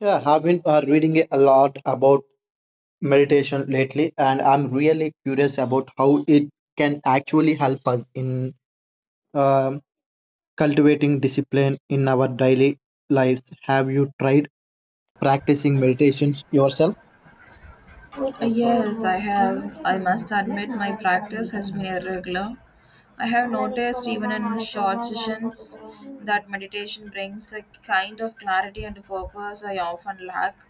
Yeah, I've been reading a lot about meditation lately, and I'm really curious about how it can actually help us in um, cultivating discipline in our daily lives. Have you tried practicing meditations yourself? Yes, I have. I must admit, my practice has been irregular. I have noticed, even in short sessions, that meditation brings a kind of clarity and focus I often lack.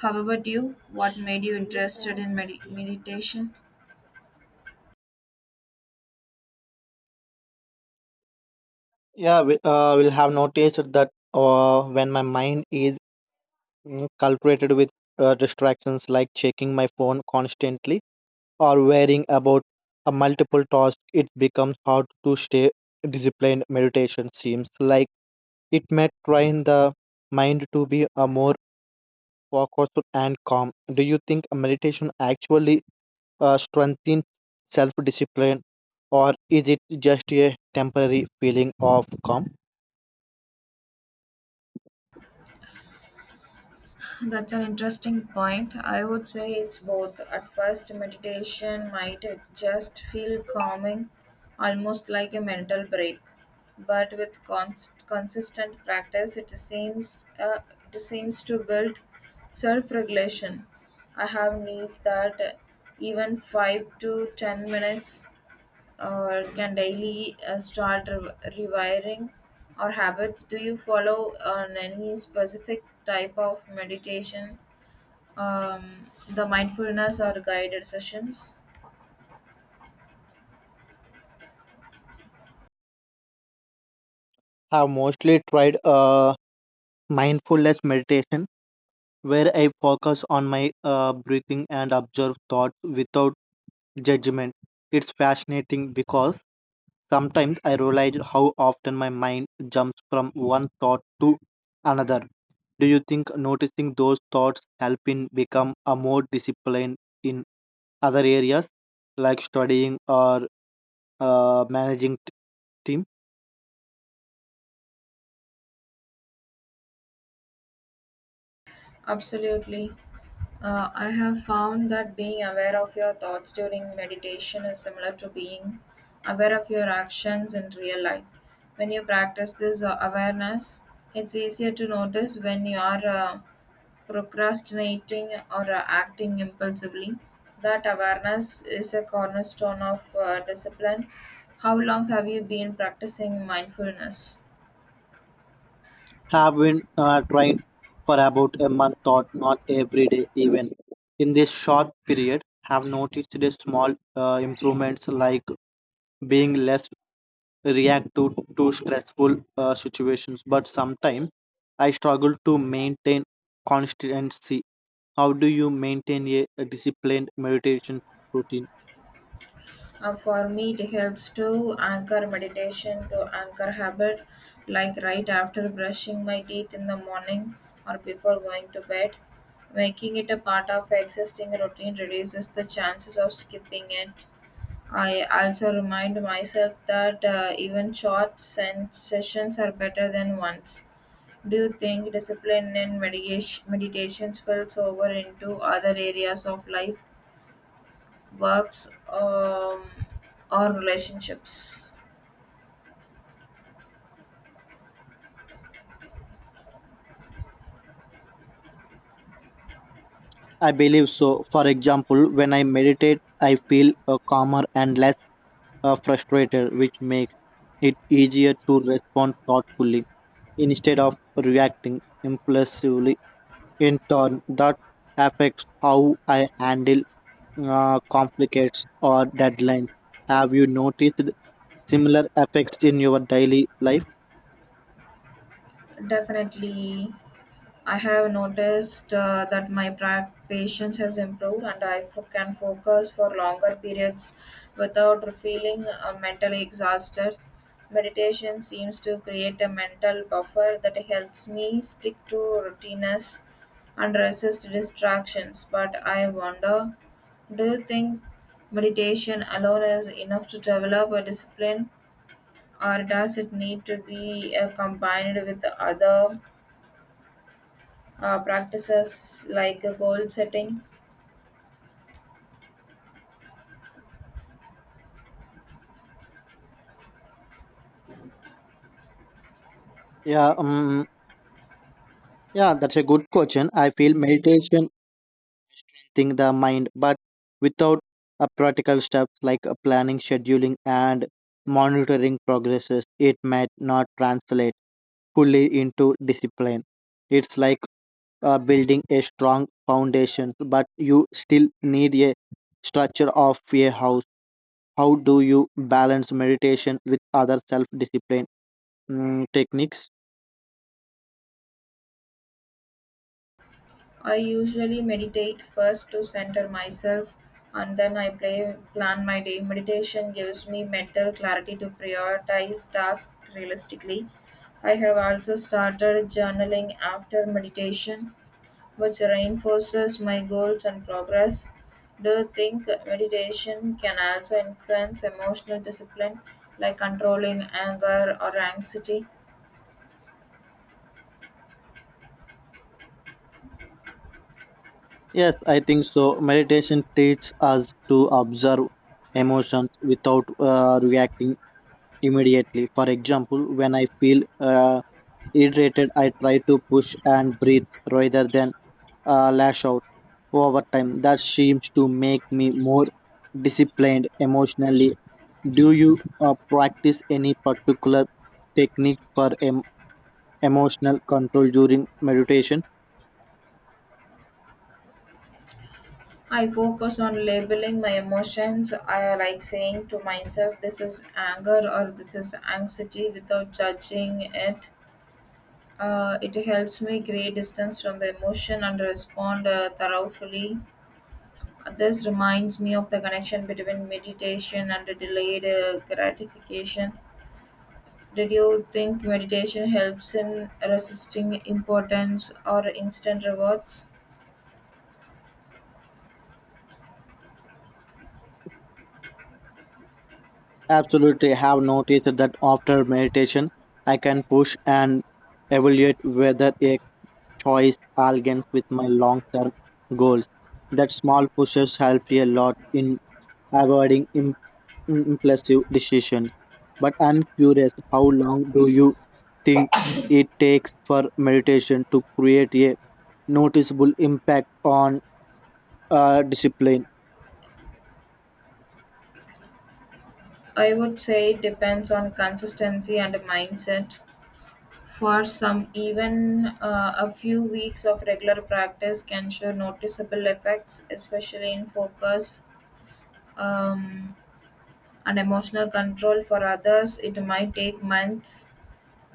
How about you? What made you interested in meditation? Yeah, we'll have noticed that when my mind is cultivated with distractions like checking my phone constantly, or worrying about a multiple task, it becomes hard to stay disciplined. Meditation seems like it may train the mind to be a more focused and calm. Do you think meditation actually strengthens self-discipline, or is it just a temporary feeling of calm? That's an interesting point. I would say it's both. At first, meditation might just feel calming, almost like a mental break. But with consistent practice, it seems to build self-regulation. I have need that even 5 to 10 minutes or can daily start rewiring or habits. Do you follow on any specific type of meditation, um, the mindfulness or guided sessions? Have mostly tried mindfulness meditation where I focus on my breathing and observe thoughts without judgment. It's fascinating because sometimes I realize how often my mind jumps from one thought to another. Do you think noticing those thoughts help in become a more disciplined in other areas like studying or managing teams? Absolutely. I have found that being aware of your thoughts during meditation is similar to being aware of your actions in real life. When you practice this awareness, it's easier to notice when you are procrastinating or acting impulsively. That awareness is a cornerstone of discipline. How long have you been practicing mindfulness? Have been trying for about a month or not every day even in this short period have noticed the small improvements like being less reactive to stressful situations, but sometimes I struggle to maintain consistency. How do you maintain a disciplined meditation routine? For me, it helps to anchor meditation to anchor habit, like right after brushing my teeth in the morning or before going to bed. Making it a part of existing routine reduces the chances of skipping it. I also remind myself that even short sessions are better than ones. Do you think discipline in meditation spills over into other areas of life, works, or relationships? I believe so. For example, when I meditate, I feel calmer and less frustrated, which makes it easier to respond thoughtfully instead of reacting impulsively. In turn, that affects how I handle conflicts or deadlines. Have you noticed similar effects in your daily life? Definitely. I have noticed that my patience has improved and I can focus for longer periods without feeling mentally exhausted. Meditation seems to create a mental buffer that helps me stick to routines and resist distractions. But I wonder, do you think meditation alone is enough to develop a discipline, or does it need to be combined with the other practices like a goal setting? Yeah, yeah, that's a good question. I feel meditation strengthening the mind, but without a practical steps like a planning, scheduling, and monitoring progresses, it might not translate fully into discipline. It's like building a strong foundation, but you still need a structure of a house. How do you balance meditation with other self discipline techniques? I usually meditate first to center myself, and then plan my day. Meditation gives me mental clarity to prioritize tasks realistically. I have also started journaling after meditation, which reinforces my goals and progress. Do you think meditation can also influence emotional discipline, like controlling anger or anxiety? Yes, I think so. Meditation teaches us to observe emotions without reacting immediately. For example, when I feel irritated, I try to push and breathe rather than lash out over time. That seems to make me more disciplined emotionally. Do you practice any particular technique for emotional control during meditation? I focus on labeling my emotions. I like saying to myself, this is anger or this is anxiety without judging it. It helps me create distance from the emotion and respond thoroughly. This reminds me of the connection between meditation and the delayed gratification. Did you think meditation helps in resisting importance or instant rewards? Absolutely have noticed that after meditation, I can push and evaluate whether a choice aligns with my long term goals. That small pushes help a lot in avoiding impulsive decisions. But I'm curious, how long do you think it takes for meditation to create a noticeable impact on discipline? I would say it depends on consistency and mindset. For some, even a few weeks of regular practice can show noticeable effects, especially in focus, um, and emotional control. For others, it might take months.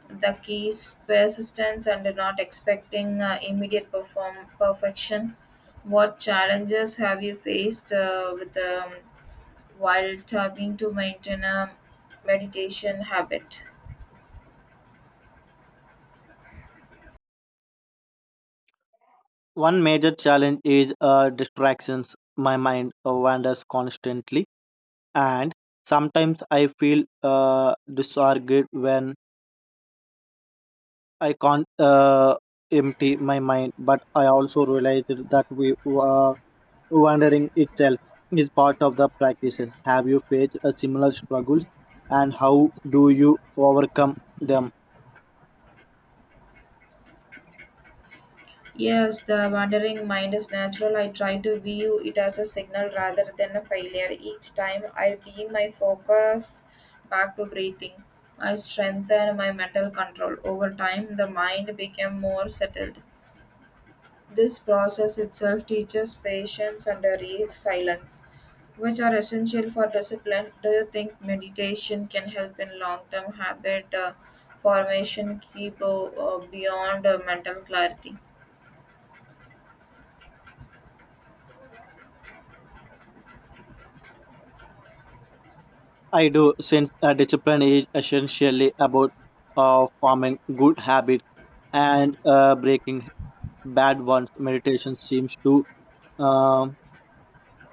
The key is persistence and not expecting immediate perform perfection. What challenges have you faced with, while trying to maintain a meditation habit? One major challenge is distractions. My mind wanders constantly and sometimes I feel disargued when I can't empty my mind. But I also realized that we wandering itself is part of the practices. Have you faced a similar struggles, and how do you overcome them? Yes, the wandering mind is natural. I try to view it as a signal rather than a failure. Each time I beam my focus back to breathing, I strengthen my mental control. Over time, the mind became more settled. This process itself teaches patience and a real silence, which are essential for discipline. Do you think meditation can help in long term habit formation, keep beyond mental clarity? I do, since discipline is essentially about forming good habits and breaking bad ones. Meditation seems to uh,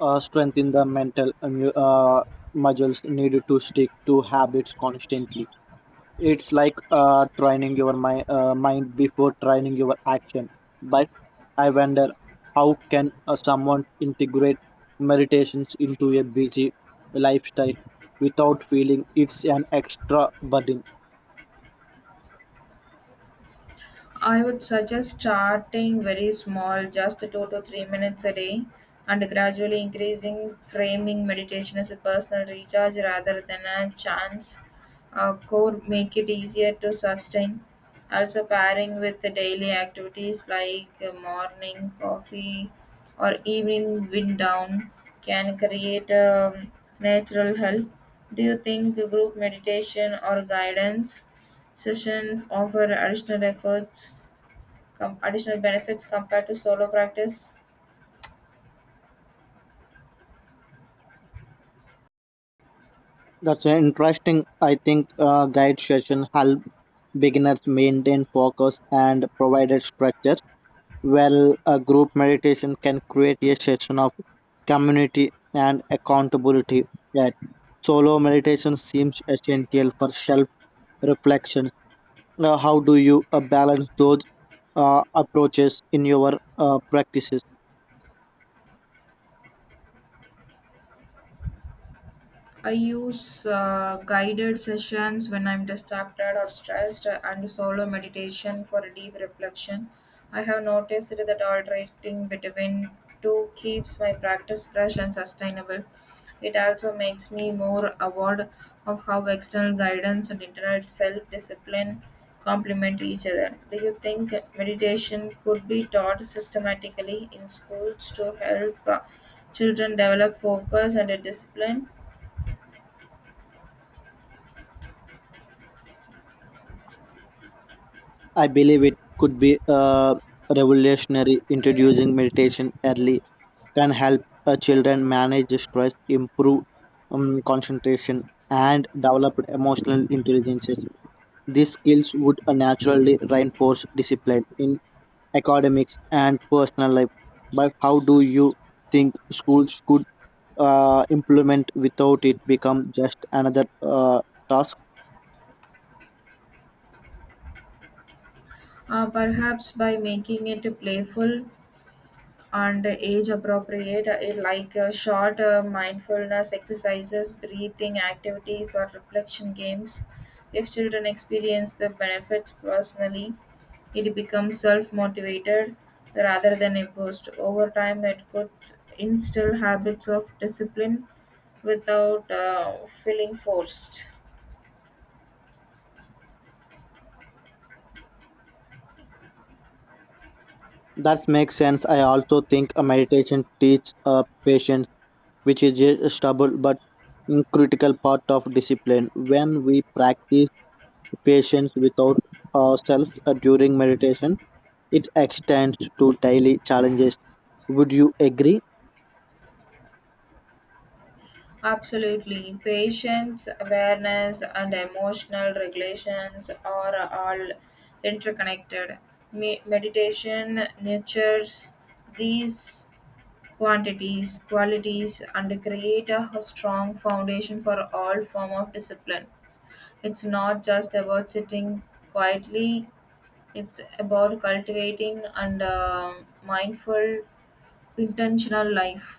strengthen the mental muscles needed to stick to habits constantly. It's like training your mind before training your action. But I wonder how can someone integrate meditations into a busy lifestyle without feeling it's an extra burden? I would suggest starting very small, just 2 to 3 minutes a day, and gradually increasing, framing meditation as a personal recharge rather than a chance. Core make it easier to sustain. Also, pairing with the daily activities like morning coffee or evening wind down can create a natural help. Do you think group meditation or guidance sessions offer additional benefits compared to solo practice? That's an interesting, I think, guide session help beginners maintain focus and provided structure. Well, a group meditation can create a session of community and accountability that solo meditation seems essential for self reflection. Now, how do you balance those approaches in your practices? I use guided sessions when I'm distracted or stressed, and solo meditation for deep reflection. I have noticed that alternating between two keeps my practice fresh and sustainable. It also makes me more aware of how external guidance and internal self discipline complement each other. Do you think meditation could be taught systematically in schools to help children develop focus and a discipline? I believe it could be revolutionary. Introducing meditation early can help children manage stress, improve concentration, and develop emotional intelligences. These skills would naturally reinforce discipline in academics and personal life. But how do you think schools could implement without it become just another task? Perhaps by making it playful and age appropriate, like short mindfulness exercises, breathing activities, or reflection games. If children experience the benefits personally, it becomes self motivated rather than imposed. Over time, it could instill habits of discipline without feeling forced. That makes sense. I also think a meditation teaches a patience, which is a stubborn but critical part of discipline. When we practice patience without ourselves during meditation, it extends to daily challenges. Would you agree? Absolutely. Patience, awareness, and emotional regulations are all interconnected. Meditation nurtures these qualities, and create a strong foundation for all form of discipline. It's not just about sitting quietly. It's about cultivating and mindful, intentional life.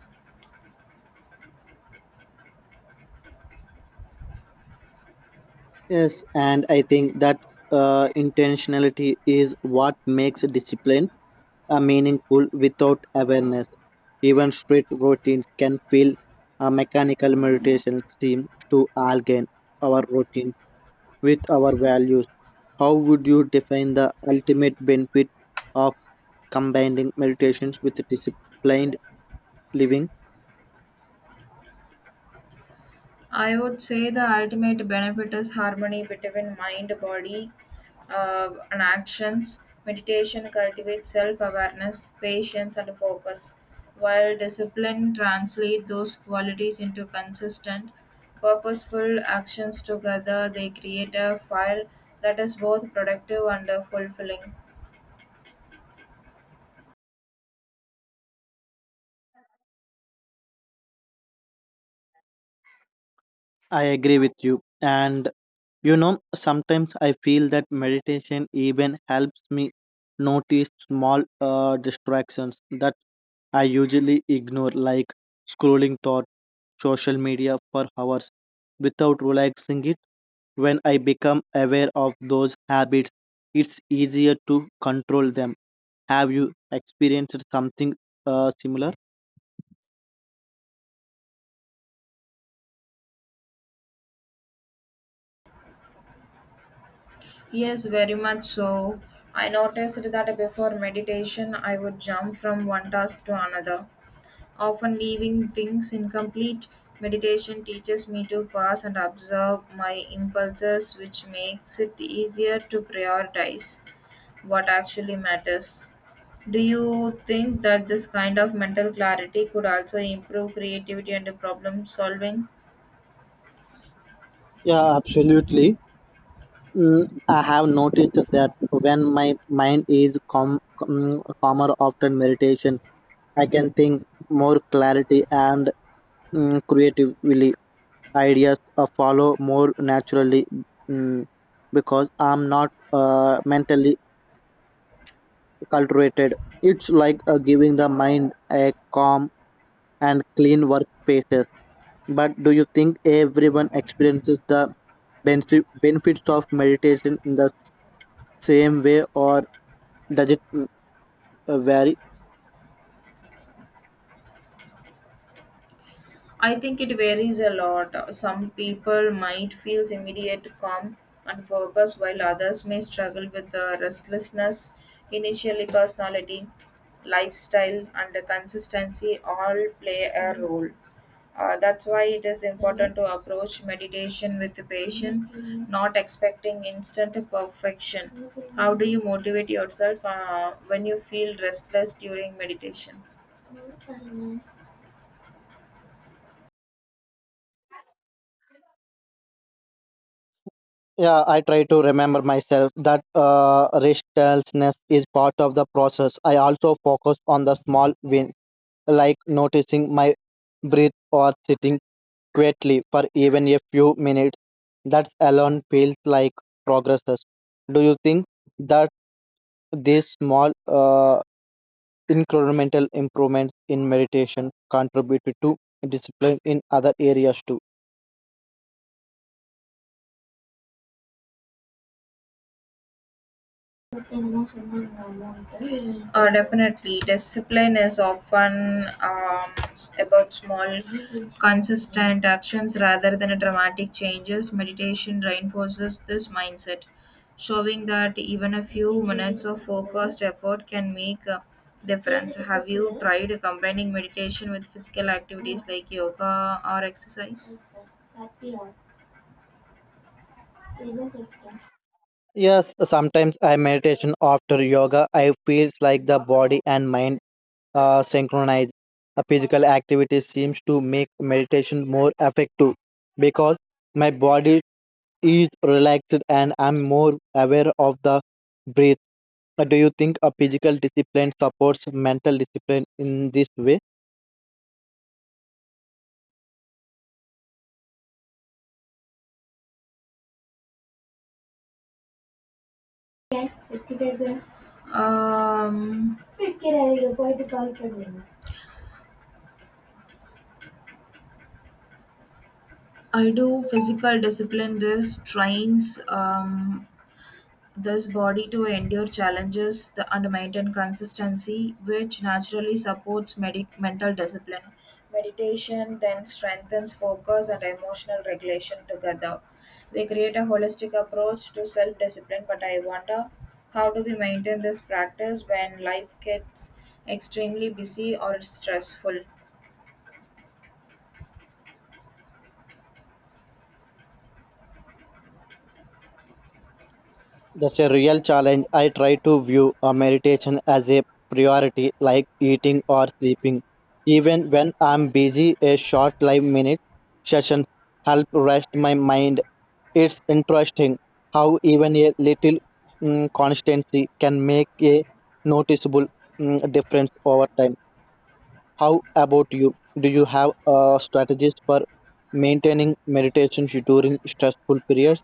Yes, and I think that intentionality is what makes discipline meaningful without awareness. Even strict routines can feel a mechanical meditation seems to align our routine with our values. How would you define the ultimate benefit of combining meditations with disciplined living? I would say the ultimate benefit is harmony between mind, body, and actions. Meditation cultivates self awareness, patience, and focus, while discipline translates those qualities into consistent, purposeful actions. Together, they create a file that is both productive and fulfilling. I agree with you. And you know, sometimes I feel that meditation even helps me notice small distractions that I usually ignore, like scrolling thought, social media for hours without relaxing it. When I become aware of those habits, it's easier to control them. Have you experienced something similar? Yes, very much so. I noticed that before meditation, I would jump from one task to another, often leaving things incomplete. Meditation teaches me to pause and observe my impulses, which makes it easier to prioritize what actually matters. Do you think that this kind of mental clarity could also improve creativity and problem solving? Yeah, absolutely. I have noticed that when my mind is calmer after meditation, I can think more clarity and creatively. Ideas follow more naturally mm, because I'm not mentally cultivated. It's like giving the mind a calm and clean workspace. But do you think everyone experiences the benefits of meditation in the same way, or does it vary? I think it varies a lot. Some people might feel immediate calm and focus, while others may struggle with the restlessness. Initially, personality, lifestyle, and the consistency all play a role. That's why it is important to approach meditation with patience, not expecting instant perfection. How do you motivate yourself when you feel restless during meditation? Yeah, I try to remember myself that restlessness is part of the process. I also focus on the small win, like noticing my breath or sitting quietly for even a few minutes. That alone feels like progresses. Do you think that these small incremental improvements in meditation contribute to discipline in other areas too? Uh, Definitely, discipline is often, about small, consistent actions rather than dramatic changes. Meditation reinforces this mindset, showing that even a few minutes of focused effort can make a difference. Have you tried combining meditation with physical activities like yoga or exercise? Yes, sometimes I meditation after yoga. I feels like the body and mind synchronize. A physical activity seems to make meditation more effective because my body is relaxed and I'm more aware of the breath. Do you think a physical discipline supports mental discipline in this way? Um, I do physical discipline. This trains, this body to endure challenges the, and maintain consistency, which naturally supports mental discipline. Meditation then strengthens focus and emotional regulation together. They create a holistic approach to self discipline, but I wonder, how do we maintain this practice when life gets extremely busy or stressful? That's a real challenge. I try to view a meditation as a priority, like eating or sleeping. Even when I'm busy, a short 5-minute session help rest my mind. It's interesting how even a little constancy can make a noticeable difference over time. How about you? Do you have strategies for maintaining meditation during stressful periods?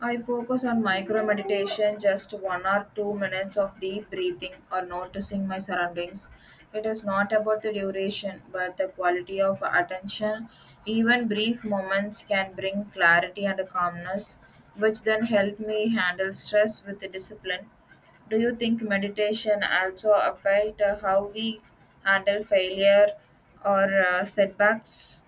I focus on micro meditation, just 1 or 2 minutes of deep breathing or noticing my surroundings. It is not about the duration, but the quality of attention. Even brief moments can bring clarity and calmness, which then help me handle stress with discipline. Do you think meditation also affect how we handle failure or setbacks?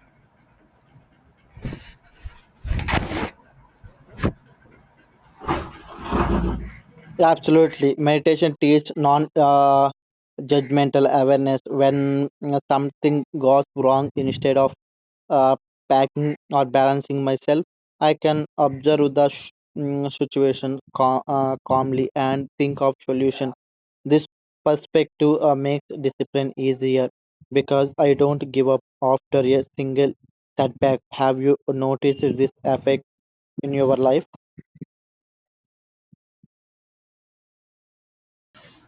Absolutely. Meditation teaches non judgmental awareness when something goes wrong instead of uh, packing or balancing myself. I can observe the situation calmly and think of solution. This perspective makes discipline easier because I don't give up after a single setback. Have you noticed this effect in your life?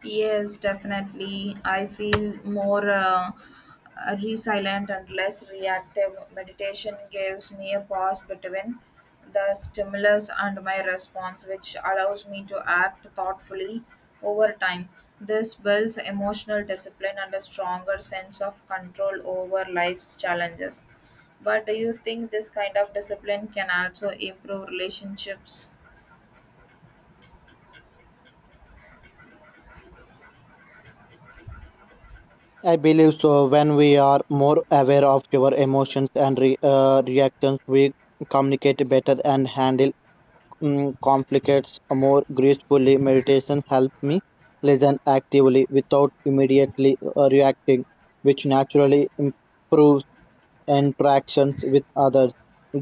Yes, definitely. I feel more resilient and less reactive. Meditation gives me a pause between the stimulus and my response, which allows me to act thoughtfully over time. This builds emotional discipline and a stronger sense of control over life's challenges. But do you think this kind of discipline can also improve relationships? I believe so. When we are more aware of our emotions and reactions, we communicate better and handle conflicts more gracefully. Meditation helps me listen actively without immediately reacting, which naturally improves interactions with others.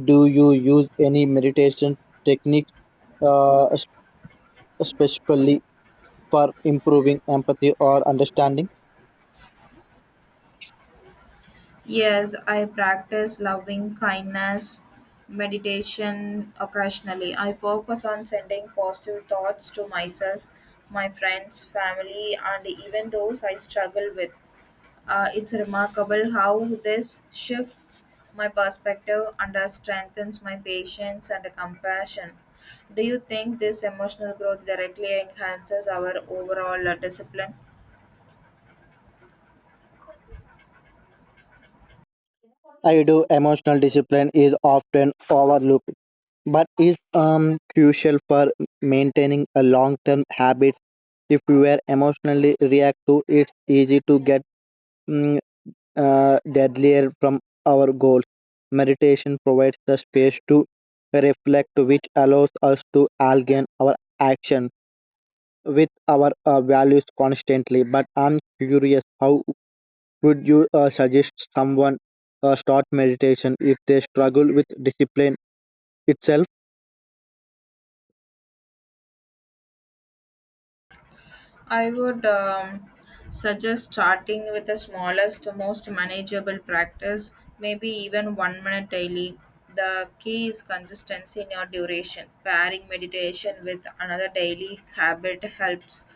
Do you use any meditation technique, uh, es- especially for improving empathy or understanding? Yes, I practice loving kindness meditation occasionally. I focus on sending positive thoughts to myself, my friends, family, and even those I struggle with. It's remarkable how this shifts my perspective and strengthens my patience and compassion. Do you think this emotional growth directly enhances our overall discipline? I do emotional discipline is often overlooked, but is crucial for maintaining a long term habit. If we are emotionally reactive, it's easy to get mm, deadlier from our goals. Meditation provides the space to reflect, which allows us to align our action with our values constantly. But I'm curious, how would you suggest someone start meditation if they struggle with discipline itself? I would, suggest starting with the smallest, most manageable practice, maybe even 1 minute daily. The key is consistency in your duration. Pairing meditation with another daily habit helps,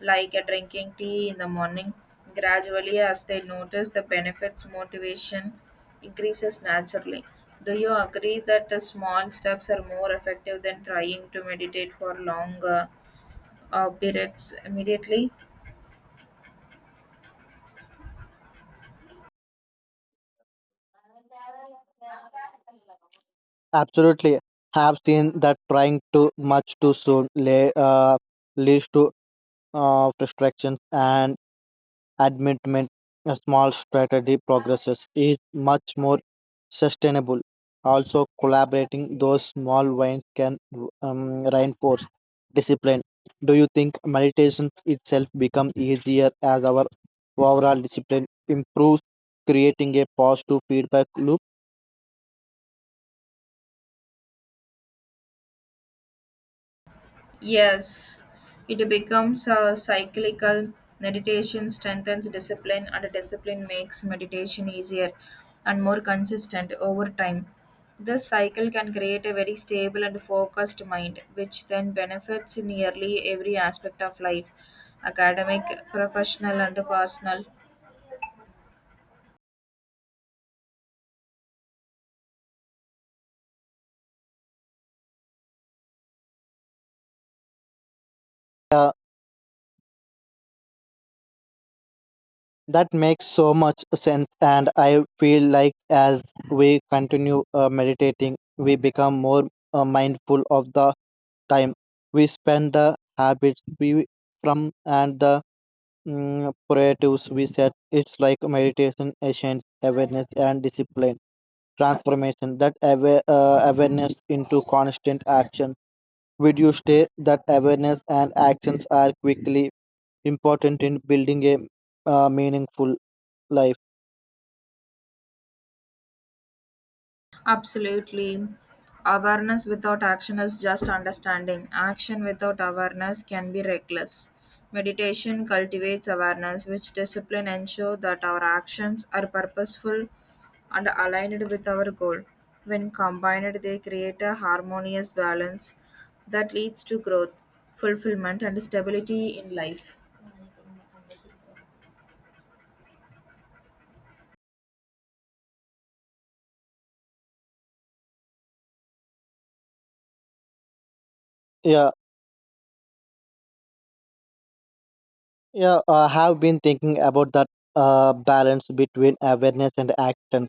like a drinking tea in the morning. Gradually, as they notice the benefits, motivation increases naturally. Do you agree that the small steps are more effective than trying to meditate for longer periods immediately? Absolutely. Have seen that trying too much too soon leads to frustration and admittedly, a small strategy progresses is much more sustainable. Also, collaborating those small wins can reinforce discipline. Do you think meditation itself becomes easier as our overall discipline improves, creating a positive feedback loop? Yes, it becomes a cyclical. Meditation strengthens discipline, and discipline makes meditation easier and more consistent over time. This cycle can create a very stable and focused mind, which then benefits in nearly every aspect of life: academic, professional, and personal. Uh, that makes so much sense, and I feel like as we continue meditating, we become more mindful of the time we spend, the habits we from, and the priorities we set. It's like meditation essence awareness and discipline transformation that awareness into constant action. Would you say that awareness and actions are quickly important in building a meaningful life? Absolutely. Awareness without action is just understanding. Action without awareness can be reckless. Meditation cultivates awareness, which discipline ensure that our actions are purposeful and aligned with our goal. When combined, they create a harmonious balance that leads to growth, fulfillment, and stability in life. yeah Yeah, I have been thinking about that balance between awareness and action.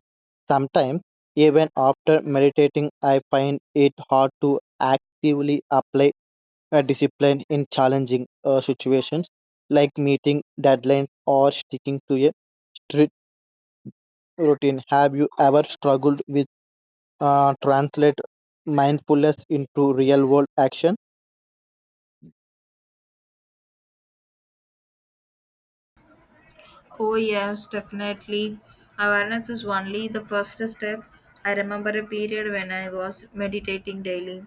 Sometimes, even after meditating, I find it hard to actively apply a discipline in challenging situations, like meeting deadlines or sticking to a strict routine. Have you ever struggled with translate mindfulness into real world action? Oh, yes, definitely. Awareness is only the first step. I remember a period when I was meditating daily,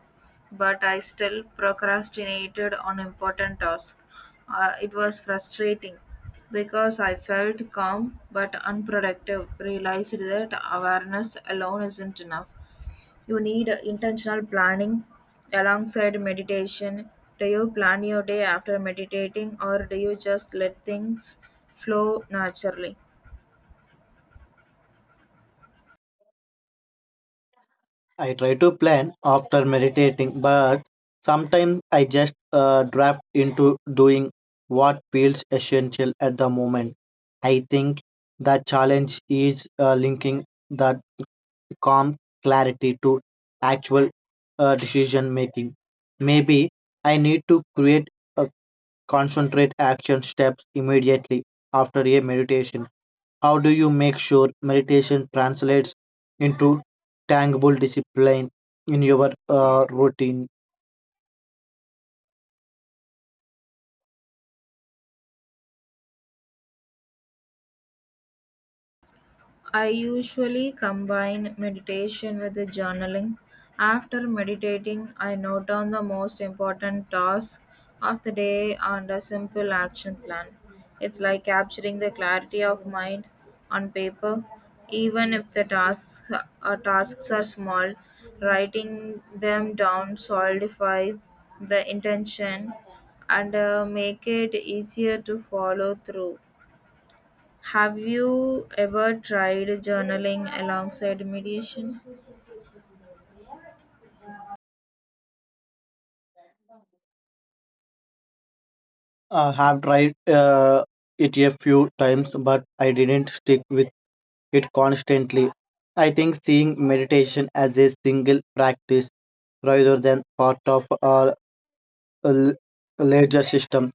but I still procrastinated on important tasks. It was frustrating because I felt calm but unproductive. Realized that awareness alone isn't enough. You need intentional planning alongside meditation. Do you plan your day after meditating, or do you just let things flow naturally? I try to plan after meditating, but sometimes I just draft into doing what feels essential at the moment. I think the challenge is linking that calm clarity to actual decision making. Maybe I need to create a concentrate action steps immediately after a meditation. How do you make sure meditation translates into tangible discipline in your routine? I usually combine meditation with the journaling. After meditating, I note down the most important tasks of the day and a simple action plan. It's like capturing the clarity of mind on paper, even if the tasks are small. Writing them down solidify the intention and make it easier to follow through. Have you ever tried journaling alongside meditation? I have tried it a few times, but I didn't stick with it constantly. I think seeing meditation as a single practice rather than part of a l- larger system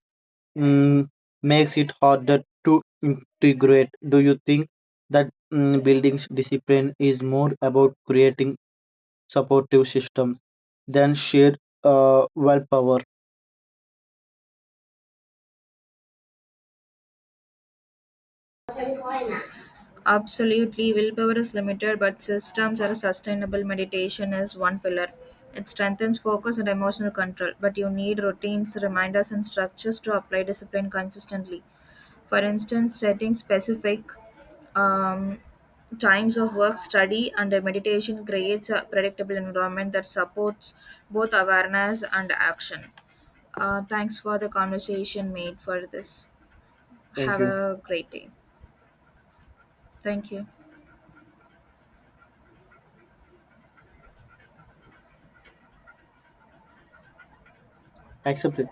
mm, makes it harder to integrate. Do you think that building discipline is more about creating supportive system than sheer willpower? Absolutely. Willpower is limited, but systems are sustainable. Meditation is one pillar. It strengthens focus and emotional control, but you need routines, reminders, and structures to apply discipline consistently. For instance, setting specific, um, times of work, study, and meditation creates a predictable environment that supports both awareness and action. Thanks for the conversation made for this. Thank Have you. a great day. Thank you. Accept it.